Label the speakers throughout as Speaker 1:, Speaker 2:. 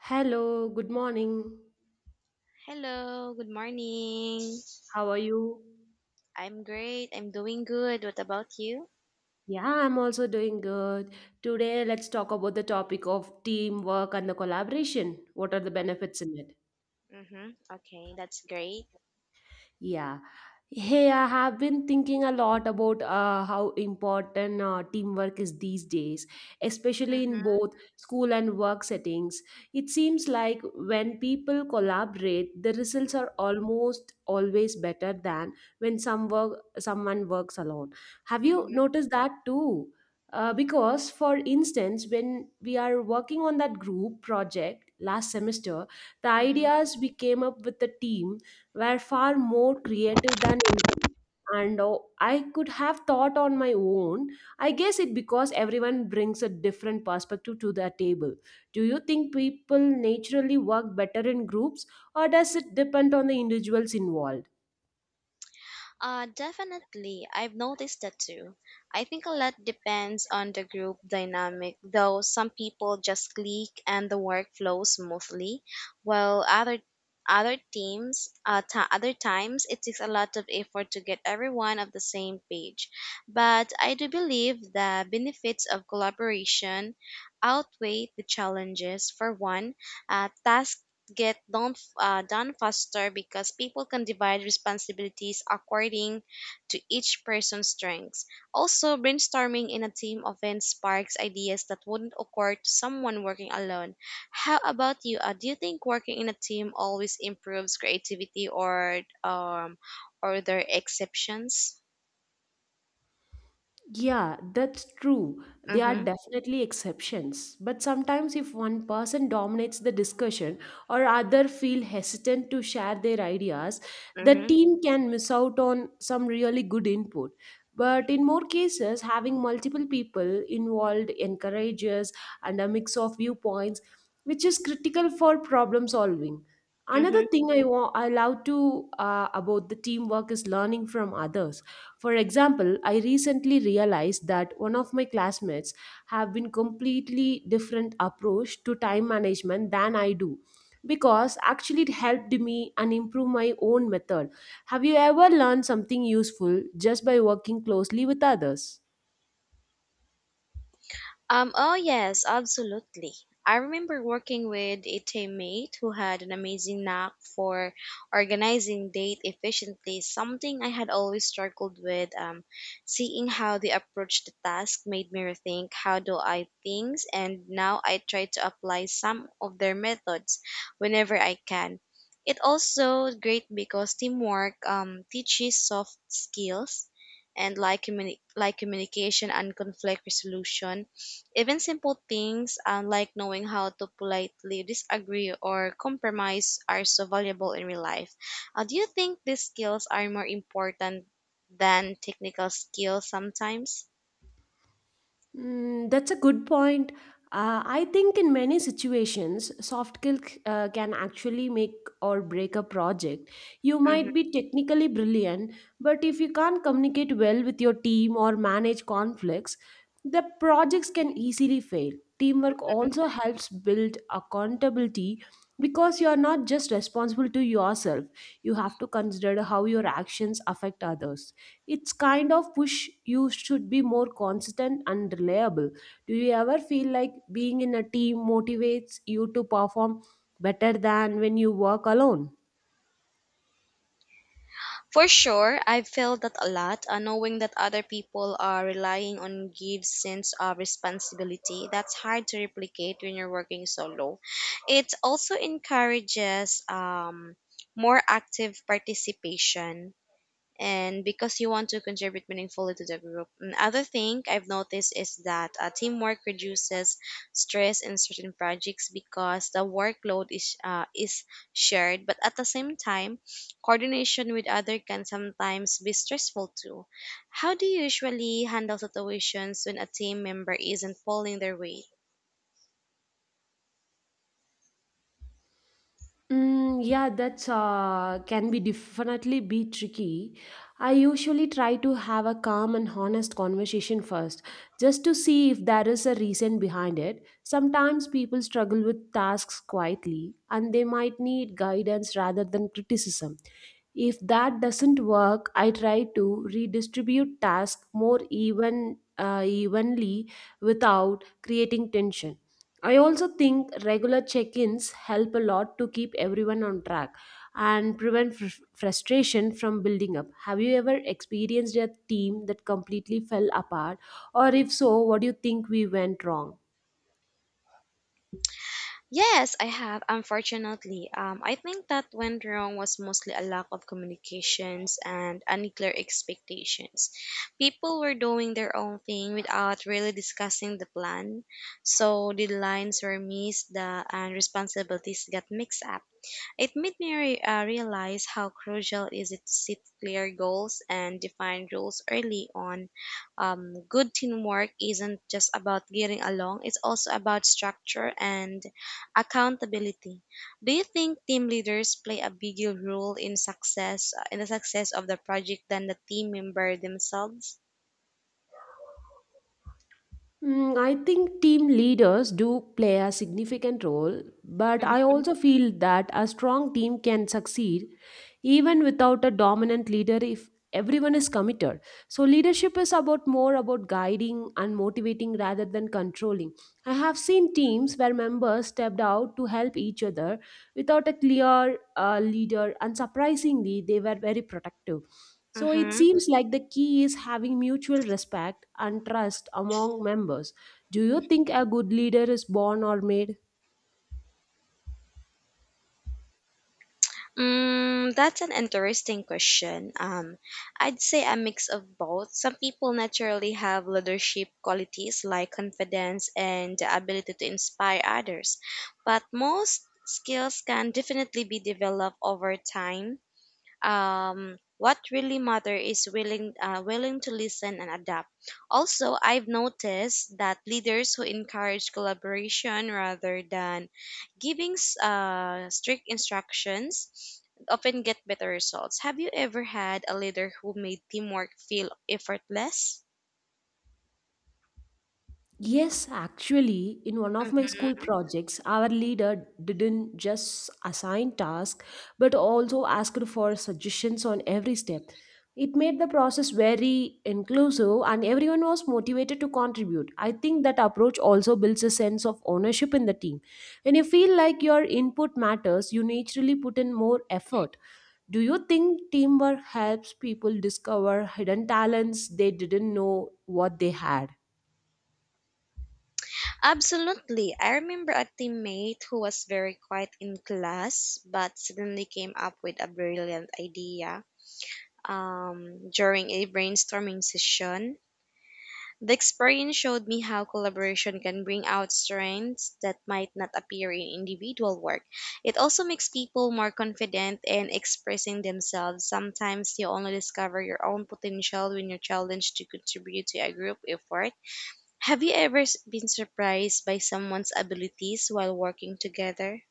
Speaker 1: Hello, good morning.
Speaker 2: Hello, good morning.
Speaker 1: How are you?
Speaker 2: I'm great. I'm doing good. What about you?
Speaker 1: Yeah, I'm also doing good. Today, let's talk about the topic of teamwork and the collaboration. What are the benefits in it?
Speaker 2: Mm-hmm. Okay, that's great.
Speaker 1: Yeah. Hey, I have been thinking a lot about how important teamwork is these days, especially in
Speaker 2: Mm-hmm.
Speaker 1: both school and work settings. It seems like when people collaborate, the results are almost always better than when someone works alone. Have you noticed that too? Because, for instance, when we are working on that group project last semester, the
Speaker 2: Mm-hmm.
Speaker 1: ideas we came up with the team were far more creative than anything, and oh, I could have thought on my own. I guess it because everyone brings a different perspective to the table. Do you think people naturally work better in groups, or does it depend on the individuals involved?
Speaker 2: Definitely. I've noticed that too. I think a lot depends on the group dynamic, though some people just click and the work flows smoothly, while other teams, other times, it takes a lot of effort to get everyone on the same page. But I do believe the benefits of collaboration outweigh the challenges. For one, task get done, done faster because people can divide responsibilities according to each person's strengths. Also, brainstorming in a team often sparks ideas that wouldn't occur to someone working alone. How about you? Do you think working in a team always improves creativity, or are there exceptions?
Speaker 1: Yeah, that's true. There are
Speaker 2: Mm-hmm,
Speaker 1: definitely exceptions. But sometimes, if one person dominates the discussion or other feel hesitant to share their ideas, the
Speaker 2: mm-hmm,
Speaker 1: team can miss out on some really good input. But in more cases, having multiple people involved encourages and a mix of viewpoints, which is critical for problem solving. Another
Speaker 2: mm-hmm.
Speaker 1: thing I love to about the teamwork is learning from others. For example, I recently realized that one of my classmates have been completely different approach to time management than I do, because actually it helped me and improve my own method. Have you ever learned something useful just by working closely with others?
Speaker 2: Oh yes, absolutely. I remember working with a teammate who had an amazing knack for organizing date efficiently, something I had always struggled with. Seeing how they approached the task made me rethink how do I things, and now I try to apply some of their methods whenever I can. It also great because teamwork teaches soft skills and like communication and conflict resolution even simple things like knowing how to politely disagree or compromise are so valuable in real life. Do you think these skills are more important than technical skills sometimes?
Speaker 1: Mm, that's a good point. I think in many situations, soft skill can actually make or break a project. You
Speaker 2: Hmm.
Speaker 1: might be technically brilliant, but if you can't communicate well with your team or manage conflicts, the projects can easily fail. Teamwork also helps build accountability because you are not just responsible to yourself, you have to consider how your actions affect others. It's kind of push you should be more consistent and reliable. Do you ever feel like being in a team motivates you to perform better than when you work alone?
Speaker 2: For sure, I've felt that a lot. Knowing that other people are relying on gives sense of responsibility that's hard to replicate when you're working solo. It also encourages more active participation and because you want to contribute meaningfully to the group. Another thing I've noticed is that teamwork reduces stress in certain projects because the workload is shared, but at the same time, coordination with others can sometimes be stressful too. How do you usually handle situations when a team member isn't pulling their weight?
Speaker 1: Mm, yeah, that's can be definitely be tricky. I usually try to have a calm and honest conversation first, just to see if there is a reason behind it. Sometimes people struggle with tasks quietly, and they might need guidance rather than criticism. If that doesn't work, I try to redistribute tasks more even evenly without creating tension. I also think regular check ins help a lot to keep everyone on track and prevent frustration from building up. Have you ever experienced a team that completely fell apart? Or if so, what do you think we went wrong?
Speaker 2: Yes, I have. Unfortunately, I think that went wrong was mostly a lack of communications and unclear expectations. People were doing their own thing without really discussing the plan, so the lines were missed, the and responsibilities got mixed up. It made me realize how crucial is it to set clear goals and define rules early on. Good teamwork isn't just about getting along; it's also about structure and accountability. Do you think team leaders play a bigger role in success in the success of the project than the team member themselves?
Speaker 1: Mm, I think team leaders do play a significant role, but I
Speaker 2: Mm-hmm.
Speaker 1: also feel that a strong team can succeed even without a dominant leader if everyone is committed. So leadership is about more about guiding and motivating rather than controlling. I have seen teams where members stepped out to help each other without a clear leader, and surprisingly they were very protective. So it seems like the key is having mutual respect and trust among members. Do you think a good leader is born or made?
Speaker 2: Mm, that's an interesting question. I'd say a mix of both. Some people naturally have leadership qualities like confidence and the ability to inspire others, but most skills can definitely be developed over time. What really matter is willing to listen and adapt. Also, I've noticed that leaders who encourage collaboration rather than giving strict instructions often get better results. Have you ever had a leader who made teamwork feel effortless?
Speaker 1: Yes, actually, in one of my
Speaker 2: Mhm.
Speaker 1: school projects, our leader didn't just assign tasks but also asked for suggestions on every step. It made the process very inclusive and everyone was motivated to contribute. I think that approach also builds a sense of ownership in the team. When you feel like your input matters, you naturally put in more effort. Do you think teamwork helps people discover hidden talents they didn't know what they had?
Speaker 2: Absolutely. I remember a teammate who was very quiet in class but suddenly came up with a brilliant idea during a brainstorming session. The experience showed me how collaboration can bring out strengths that might not appear in individual work. It also makes people more confident in expressing themselves. Sometimes you only discover your own potential when you're challenged to contribute to a group effort. Have you ever been surprised by someone's abilities while working together?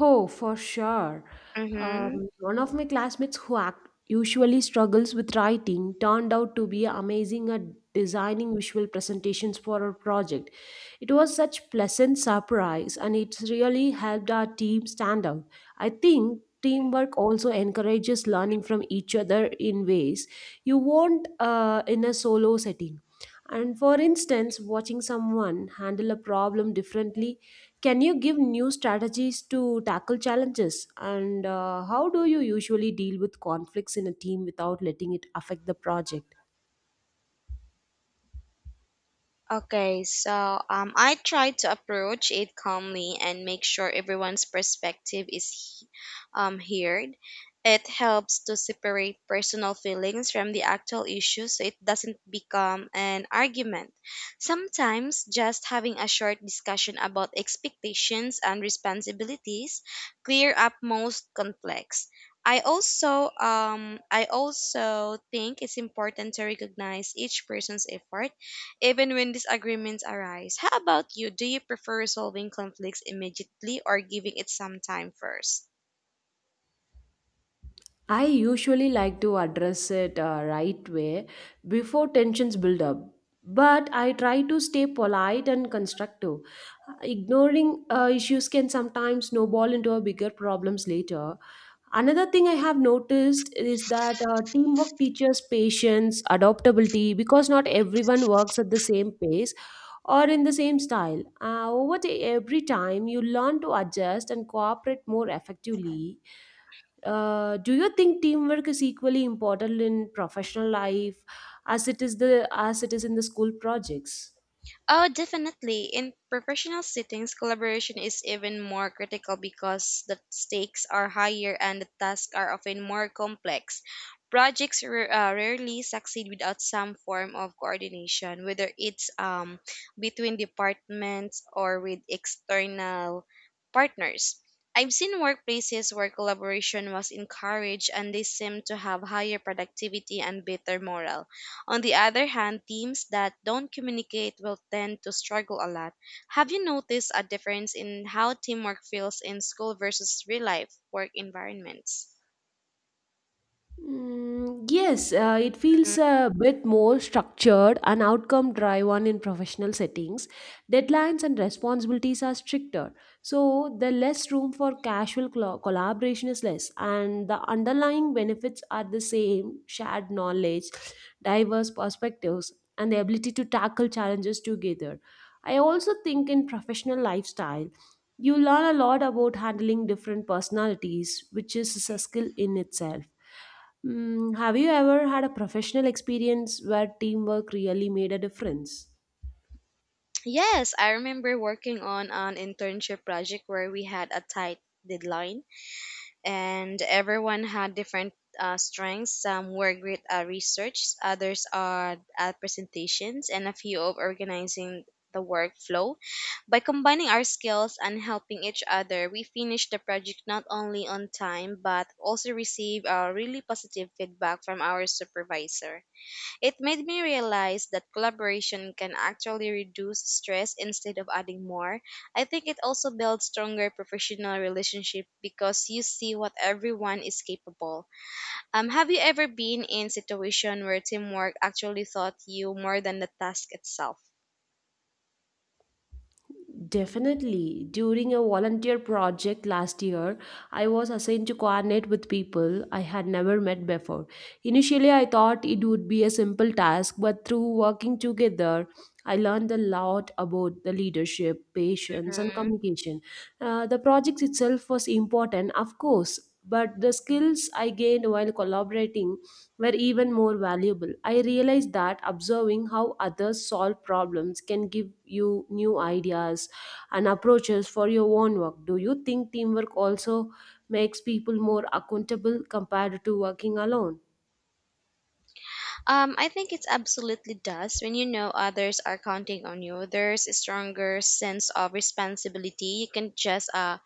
Speaker 1: Oh, for sure.
Speaker 2: Mm-hmm.
Speaker 1: One of my classmates who usually struggles with writing turned out to be amazing at designing visual presentations for our project. It was such pleasant surprise and it really helped our team stand out. I think teamwork also encourages learning from each other in ways you won't in a solo setting. And for instance, watching someone handle a problem differently can you give new strategies to tackle challenges? And how do you usually deal with conflicts in a team without letting it affect the project?
Speaker 2: Okay, so I try to approach it calmly and make sure everyone's perspective is heard. It helps to separate personal feelings from the actual issue so it doesn't become an argument. Sometimes, just having a short discussion about expectations and responsibilities clear up most conflicts. I also think it's important to recognize each person's effort even when disagreements arise. How about you? Do you prefer resolving conflicts immediately or giving it some time first?
Speaker 1: I usually like to address it right way before tensions build up. But I try to stay polite and constructive. Ignoring issues can sometimes snowball into a bigger problems later. Another thing I have noticed is that teamwork teaches patience, adaptability, because not everyone works at the same pace or in the same style. Over the, every time, you learn to adjust and cooperate more effectively. Do you think teamwork is equally important in professional life as it is in the school projects?
Speaker 2: Oh, definitely. In professional settings, collaboration is even more critical because the stakes are higher and the tasks are often more complex. Projects rarely succeed without some form of coordination, whether it's between departments or with external partners. I've seen workplaces where collaboration was encouraged and they seem to have higher productivity and better morale. On the other hand, teams that don't communicate will tend to struggle a lot. Have you noticed a difference in how teamwork feels in school versus real life work environments?
Speaker 1: Mm, yes, it
Speaker 2: Mm.
Speaker 1: feels a bit more structured and outcome driven in professional settings. Deadlines and responsibilities are stricter, so the less room for collaboration is less, and the underlying benefits are the same: shared knowledge, diverse perspectives, and the ability to tackle challenges together. I also think in professional lifestyle, you learn a lot about handling different personalities, which is a skill in itself. Mm, have you ever had a professional experience where teamwork really made a difference?
Speaker 2: Yes, I remember working on an internship project where we had a tight deadline and everyone had different strengths. Some were great at research, others are at presentations, and a few of organizing the workflow. By combining our skills and helping each other, we finished the project not only on time but also received a really positive feedback from our supervisor. It made me realize that collaboration can actually reduce stress instead of adding more. I think it also builds stronger professional relationship because you see what everyone is capable. Have you ever been in situation where teamwork actually taught you more than the task itself?
Speaker 1: Definitely. During a volunteer project last year, I was assigned to coordinate with people I had never met before. Initially, I thought it would be a simple task, but through working together, I learned a lot about the leadership, patience, and
Speaker 2: Mhm.
Speaker 1: communication. The project itself was important, of course, but the skills I gained while collaborating were even more valuable. I realized that observing how others solve problems can give you new ideas and approaches for your own work. Do you think teamwork also makes people more accountable compared to working alone?
Speaker 2: I think it absolutely does. When you know others are counting on you, there's a stronger sense of responsibility. You can just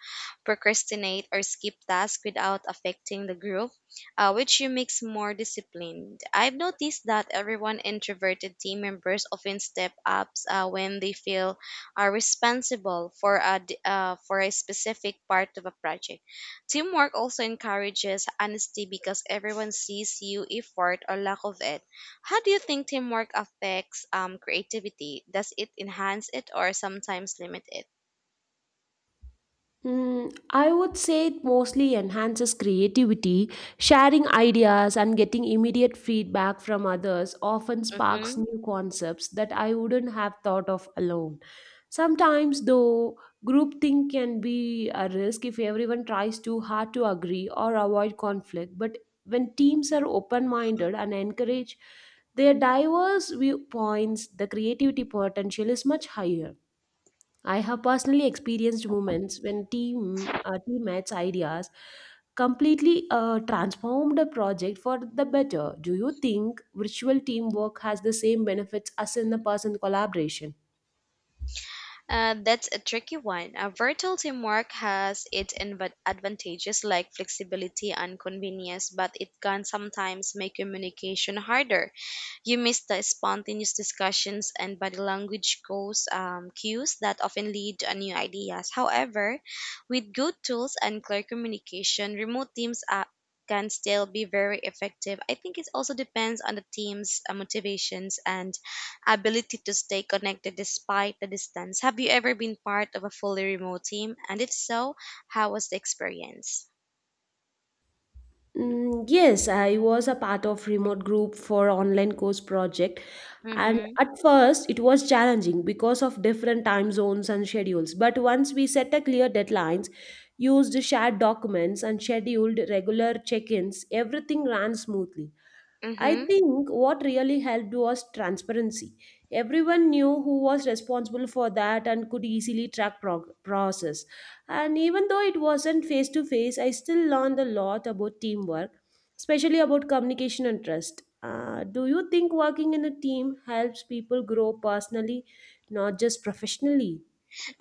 Speaker 2: procrastinate or skip tasks without affecting the group, which you makes more disciplined. I've noticed that everyone introverted team members often step up when they feel are responsible for for a specific part of a project. Teamwork also encourages honesty because everyone sees you effort or lack of it. How do you think teamwork affects creativity? Does it enhance it or sometimes limit it?
Speaker 1: Mm, I would say it mostly enhances creativity. Sharing ideas and getting immediate feedback from others often sparks
Speaker 2: Mhm.
Speaker 1: new concepts that I wouldn't have thought of alone. Sometimes, though, groupthink can be a risk if everyone tries too hard to agree or avoid conflict. But when teams are open minded and encourage their diverse viewpoints, the creativity potential is much higher. I have personally experienced moments when teammates' ideas completely transformed a project for the better. Do you think virtual teamwork has the same benefits as in the person collaboration?
Speaker 2: That's a tricky one. Virtual teamwork has its advantages like flexibility and convenience, but it can sometimes make communication harder. You miss the spontaneous discussions and body language goes cues that often lead to new ideas. However, with good tools and clear communication, remote teams can still be very effective. I think it also depends on the team's motivations and ability to stay connected despite the distance. Have you ever been part of a fully remote team? And if so, how was the experience?
Speaker 1: Mm, yes, I was a part of remote group for online course project, and
Speaker 2: Mm-hmm.
Speaker 1: at first it was challenging because of different time zones and schedules. But once we set a clear deadlines, used shared documents and scheduled regular check-ins, everything ran smoothly. I
Speaker 2: Mm-hmm.
Speaker 1: think what really helped was transparency. Everyone knew who was responsible for that and could easily track process. And even though it wasn't face to face, I still learned a lot about teamwork, especially about communication and trust. Do you think working in a team helps people grow personally, not just professionally?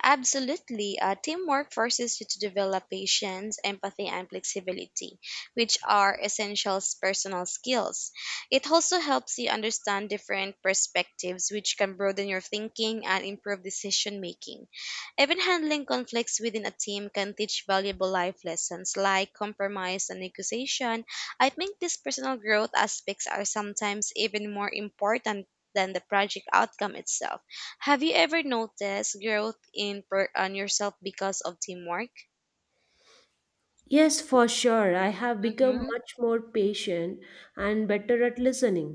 Speaker 2: Absolutely. Teamwork forces you to develop patience, empathy, and flexibility, which are essential personal skills. It also helps you understand different perspectives, which can broaden your thinking and improve decision making. Even handling conflicts within a team can teach valuable life lessons like compromise and negotiation. I think these personal growth aspects are sometimes even more important than the project outcome itself. Have you ever noticed growth in on yourself because of teamwork?
Speaker 1: Yes, for sure. I have become
Speaker 2: Mm-hmm.
Speaker 1: much more patient and better at listening.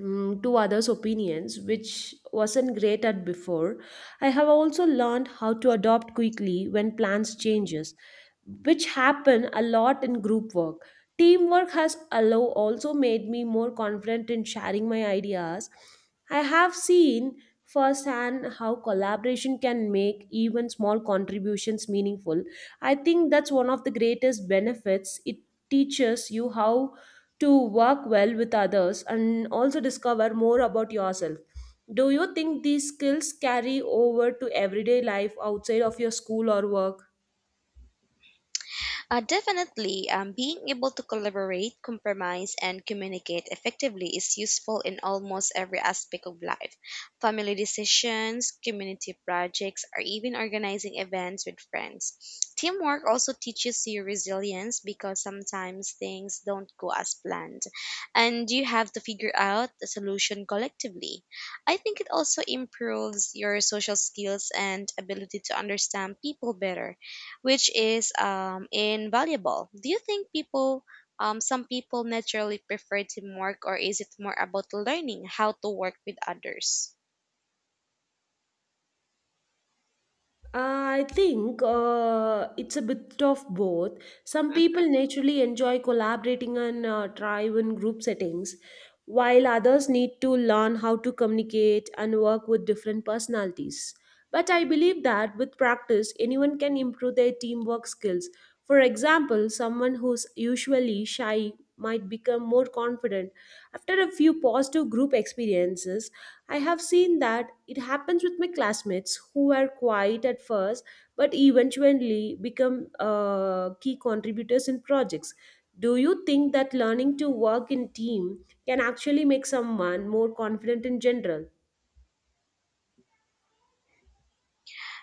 Speaker 1: Mm, to others' opinions, which wasn't great at before. I have also learned how to adopt quickly when plans changes, which happen a lot in group work. Teamwork has allow also made me more confident in sharing my ideas. I have seen firsthand how collaboration can make even small contributions meaningful. I think that's one of the greatest benefits. It teaches you how to work well with others and also discover more about yourself. Do you think these skills carry over to everyday life outside of your school or work?
Speaker 2: Definitely. Being able to collaborate, compromise, and communicate effectively is useful in almost every aspect of life. Family decisions, community projects, or even organizing events with friends. Teamwork also teaches you resilience because sometimes things don't go as planned, and you have to figure out a solution collectively. I think it also improves your social skills and ability to understand people better, which is invaluable. Do you think people, some people naturally prefer teamwork, or is it more about learning how to work with others?
Speaker 1: I think it's a bit of both. Some people naturally enjoy collaborating and thrive in group settings, while others need to learn how to communicate and work with different personalities. But I believe that with practice, anyone can improve their teamwork skills. For example, someone who's usually shy might become more confident after a few positive group experiences. I have seen that it happens with my classmates who were quiet at first but eventually become key contributors in projects. Do you think that learning to work in team can actually make someone more confident in general?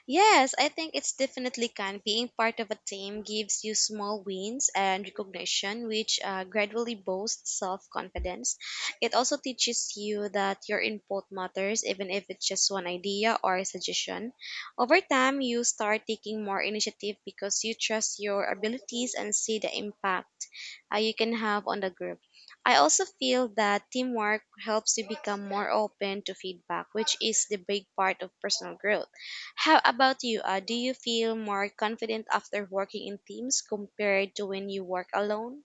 Speaker 2: Yes, I think it's definitely can. Being part of a team gives you small wins and recognition, which gradually boosts self confidence. It also teaches you that your input matters, even if it's just one idea or a suggestion. Over time, you start taking more initiative because you trust your abilities and see the impact you can have on the group. I also feel that teamwork helps you become more open to feedback, which is the big part of personal growth. How about you? Do you feel more confident after working in teams compared to when you work alone?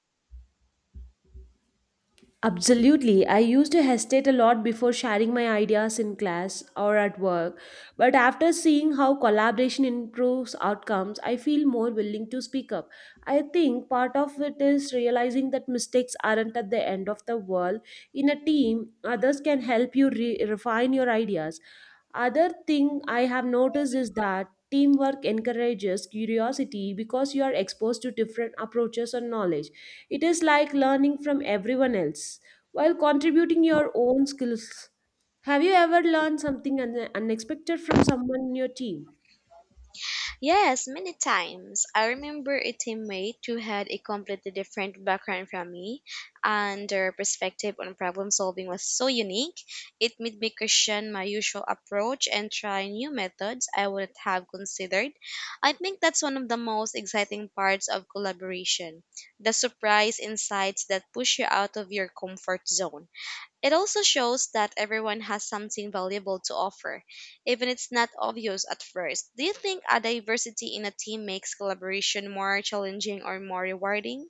Speaker 1: Absolutely. I used to hesitate a lot before sharing my ideas in class or at work, but after seeing how collaboration improves outcomes, I feel more willing to speak up. I think part of it is realizing that mistakes aren't at the end of the world. In a team, others can help you refine your ideas. Other thing I have noticed is that teamwork encourages curiosity because you are exposed to different approaches and knowledge. It is like learning from everyone else while contributing your own skills. Have you ever learned something unexpected from someone in your team?
Speaker 2: Yes, many times. I remember a teammate who had a completely different background from me, and their perspective on problem solving was so unique. It made me question my usual approach and try new methods I wouldn't have considered. I think that's one of the most exciting parts of collaboration, the surprise insights that push you out of your comfort zone. It also shows that everyone has something valuable to offer, even if it's not obvious at first. Do you think a diversity in a team makes collaboration more challenging or more rewarding?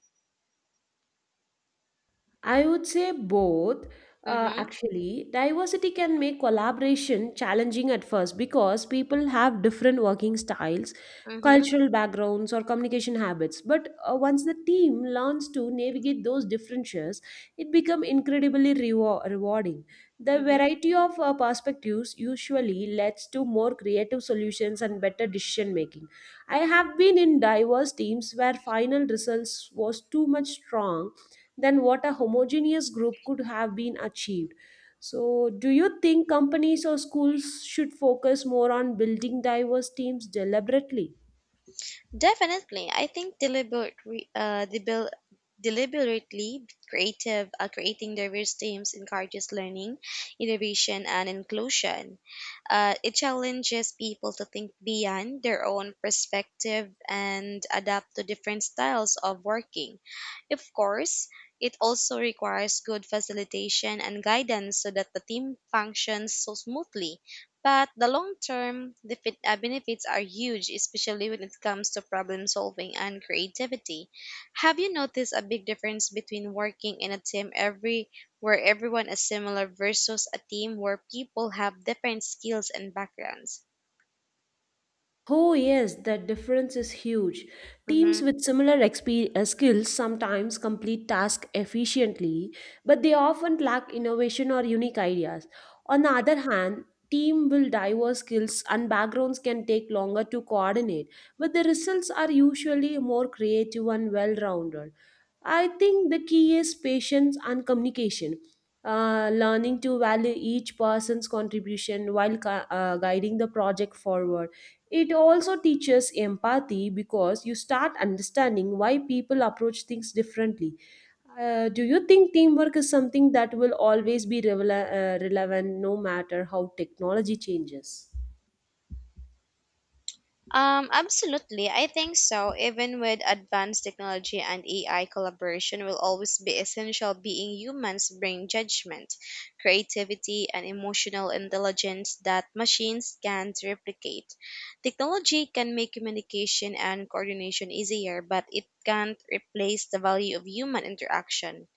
Speaker 1: I would say both.
Speaker 2: Mm-hmm.
Speaker 1: Actually, diversity can make collaboration challenging at first because people have different working styles,
Speaker 2: Mm-hmm.
Speaker 1: cultural backgrounds, or communication habits. But once the team learns to navigate those differences, it becomes incredibly rewarding. The
Speaker 2: Mm-hmm.
Speaker 1: variety of perspectives usually leads to more creative solutions and better decision making. I have been in diverse teams where final results was too much strong than what a homogeneous group could have been achieved. So, do you think companies or schools should focus more on building diverse teams deliberately?
Speaker 2: Definitely. I think deliberate, re- debil deliberately creative, creating diverse teams encourages learning, innovation, and inclusion. It challenges people to think beyond their own perspective and adapt to different styles of working. Of course, it also requires good facilitation and guidance so that the team functions so smoothly. But the long-term benefits are huge, especially when it comes to problem solving and creativity. Have you noticed a big difference between working in a team every where everyone is similar versus a team where people have different skills and backgrounds?
Speaker 1: Oh, yes, that difference is huge. Teams
Speaker 2: Mhm.
Speaker 1: with similar skills sometimes complete tasks efficiently, but they often lack innovation or unique ideas. On the other hand, team with diverse skills and backgrounds can take longer to coordinate, but the results are usually more creative and well-rounded. I think the key is patience and communication. Learning to value each person's contribution while guiding the project forward. It also teaches empathy because you start understanding why people approach things differently. Do you think teamwork is something that will always be relevant no matter how technology changes?
Speaker 2: Absolutely. I think so. Even with advanced technology and AI, collaboration will always be essential, being humans bring judgment, creativity, and emotional intelligence that machines can't replicate. Technology can make communication and coordination easier, but it can't replace the value of human interaction.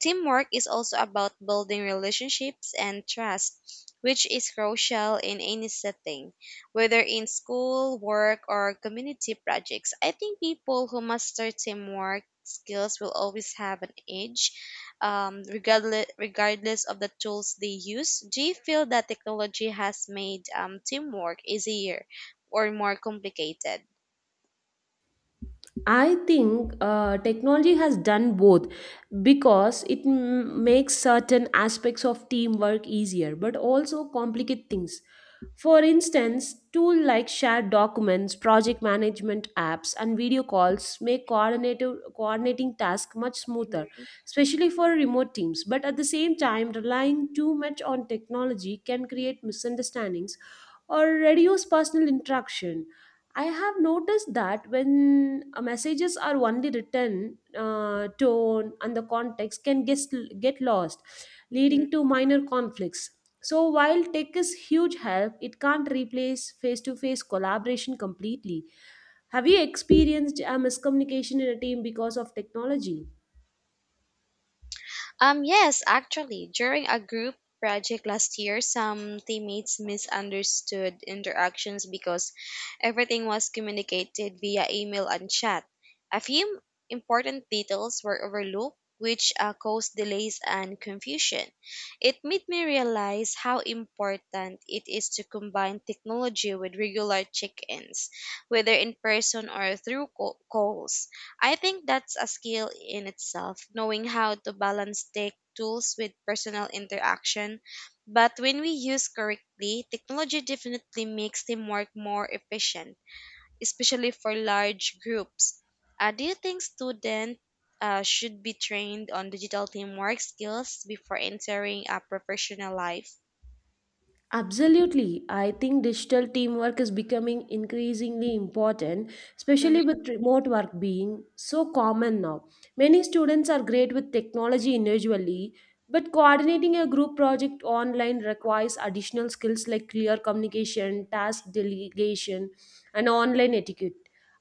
Speaker 2: Teamwork is also about building relationships and trust, which is crucial in any setting, whether in school, work, or community projects. I think people who master teamwork skills will always have an edge, regardless of the tools they use. Do you feel that technology has made teamwork easier or more complicated?
Speaker 1: I think technology has done both because it makes certain aspects of teamwork easier, but also complicate things. For instance, tools like shared documents, project management apps, and video calls make coordinating tasks much smoother, especially for remote teams. But at the same time, relying too much on technology can create misunderstandings or reduce personal interaction. I have noticed that when messages are only written, tone and the context can get lost,
Speaker 2: Mhm.
Speaker 1: leading to minor conflicts. So, while tech is huge help, it can't replace face to face collaboration completely. Have you experienced a miscommunication in a team because of technology?
Speaker 2: Yes, actually, during a group project last year, some teammates misunderstood interactions because everything was communicated via email and chat. A few important details were overlooked, which caused delays and confusion. It made me realize how important it is to combine technology with regular check ins, whether in person or through calls. I think that's a skill in itself, knowing how to balance tech tools with personal interaction. But when we use correctly, technology definitely makes teamwork more efficient, especially for large groups. Do you think students should be trained on digital teamwork skills before entering a professional life?
Speaker 1: Absolutely. I think digital teamwork is becoming increasingly important,
Speaker 2: Mm-hmm.
Speaker 1: especially with remote work being so common now. Many students are great with technology individually, but coordinating a group project online requires additional skills like clear communication, task delegation, and online etiquette.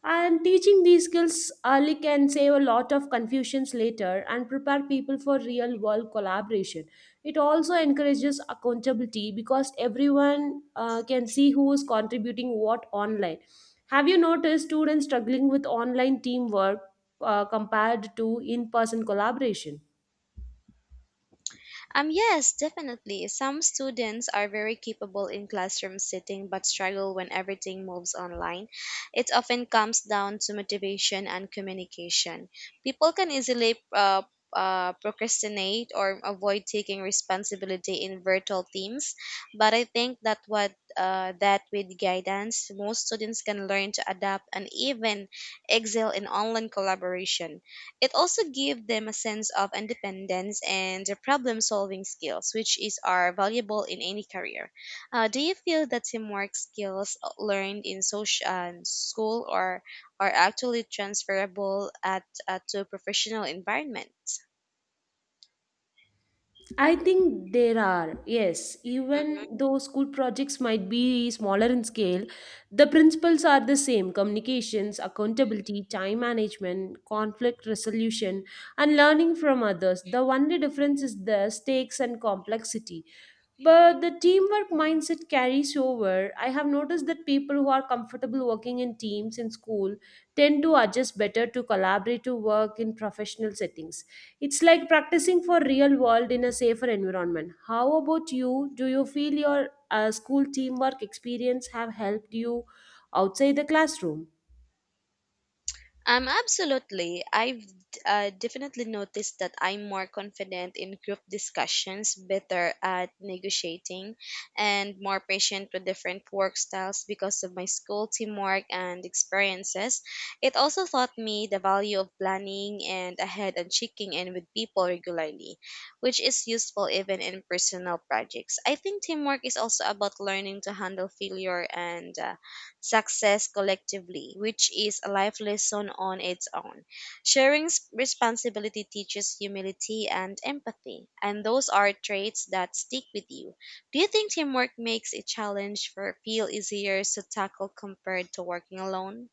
Speaker 1: And teaching these skills early can save a lot of confusions later and prepare people for real world collaboration. It also encourages accountability because everyone can see who is contributing what online. Have you noticed students struggling with online teamwork compared to in person collaboration?
Speaker 2: Yes, definitely. Some students are very capable in classroom sitting but struggle when everything moves online. It often comes down to motivation and communication. People can easily procrastinate or avoid taking responsibility in virtual teams, but I think that what that with guidance, most students can learn to adapt and even excel in online collaboration. It also gives them a sense of independence and the problem solving skills, which is are valuable in any career. Do you feel that teamwork skills learned in social school or are actually transferable at, to professional environments?
Speaker 1: I think there are, yes. Even though school projects might be smaller in scale, the principles are the same communications, accountability, time management, conflict resolution, and learning from others. The only difference is the stakes and complexity. But the teamwork mindset carries over. I have noticed that people who are comfortable working in teams in school tend to adjust better to collaborative work in professional settings. It's like practicing for real world in a safer environment. How about you? Do you feel your school teamwork experience have helped you outside the classroom?
Speaker 2: Absolutely. I've definitely noticed that I'm more confident in group discussions, better at negotiating, and more patient with different work styles because of my school teamwork and experiences. It also taught me the value of planning and ahead and checking in with people regularly, which is useful even in personal projects. I think teamwork is also about learning to handle failure and success collectively, which is a life lesson on its own. Sharing responsibility teaches humility and empathy, and those are traits that stick with you. Do you think teamwork makes a challenge for feel easier to tackle compared to working alone?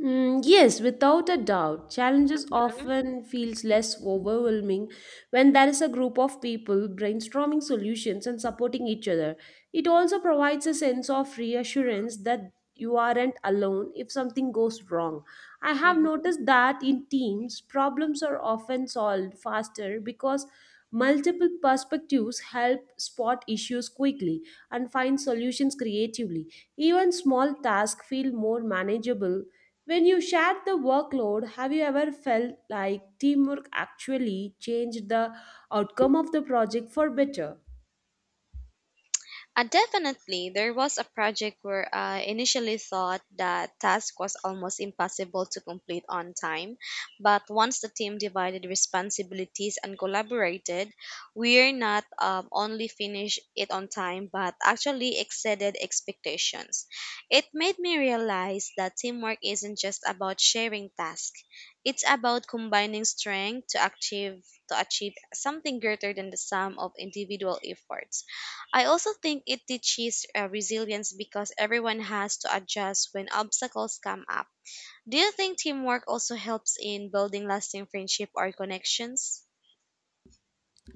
Speaker 1: Mm, yes, without a doubt, challenges often feels less overwhelming when there is a group of people brainstorming solutions and supporting each other. It also provides a sense of reassurance that you aren't alone if something goes wrong. I have
Speaker 2: Mhm.
Speaker 1: noticed that in teams, problems are often solved faster because multiple perspectives help spot issues quickly and find solutions creatively. Even small tasks feel more manageable when you shared the workload, have you ever felt like teamwork actually changed the outcome of the project for better?
Speaker 2: And definitely, there was a project where I initially thought that task was almost impossible to complete on time. But once the team divided responsibilities and collaborated, we're not only finished it on time, but actually exceeded expectations. It made me realize that teamwork isn't just about sharing tasks. It's about combining strength to achieve something greater than the sum of individual efforts. I also think it teaches resilience because everyone has to adjust when obstacles come up. Do you think teamwork also helps in building lasting friendship or connections?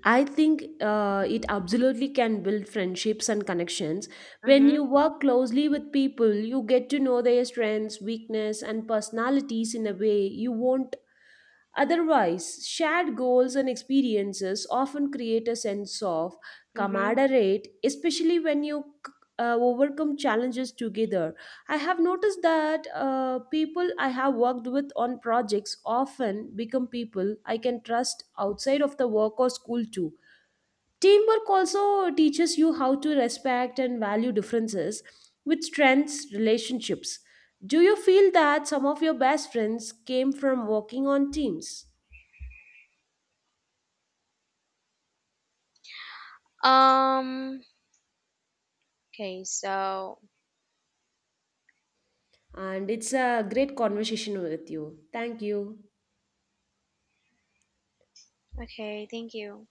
Speaker 1: I think it absolutely can build friendships and connections. When
Speaker 2: Mm-hmm.
Speaker 1: you work closely with people, you get to know their strengths, weakness, and personalities in a way you won't otherwise. Shared goals and experiences often create a sense of
Speaker 2: Mm-hmm.
Speaker 1: camaraderie, especially when you overcome challenges together. I have noticed that people I have worked with on projects often become people I can trust outside of the work or school too. Teamwork also teaches you how to respect and value differences, which strengthens relationships. Do you feel that some of your best friends came from working on teams?
Speaker 2: Um okay, so
Speaker 1: And it's a great conversation with you. Thank you.
Speaker 2: okay, thank you.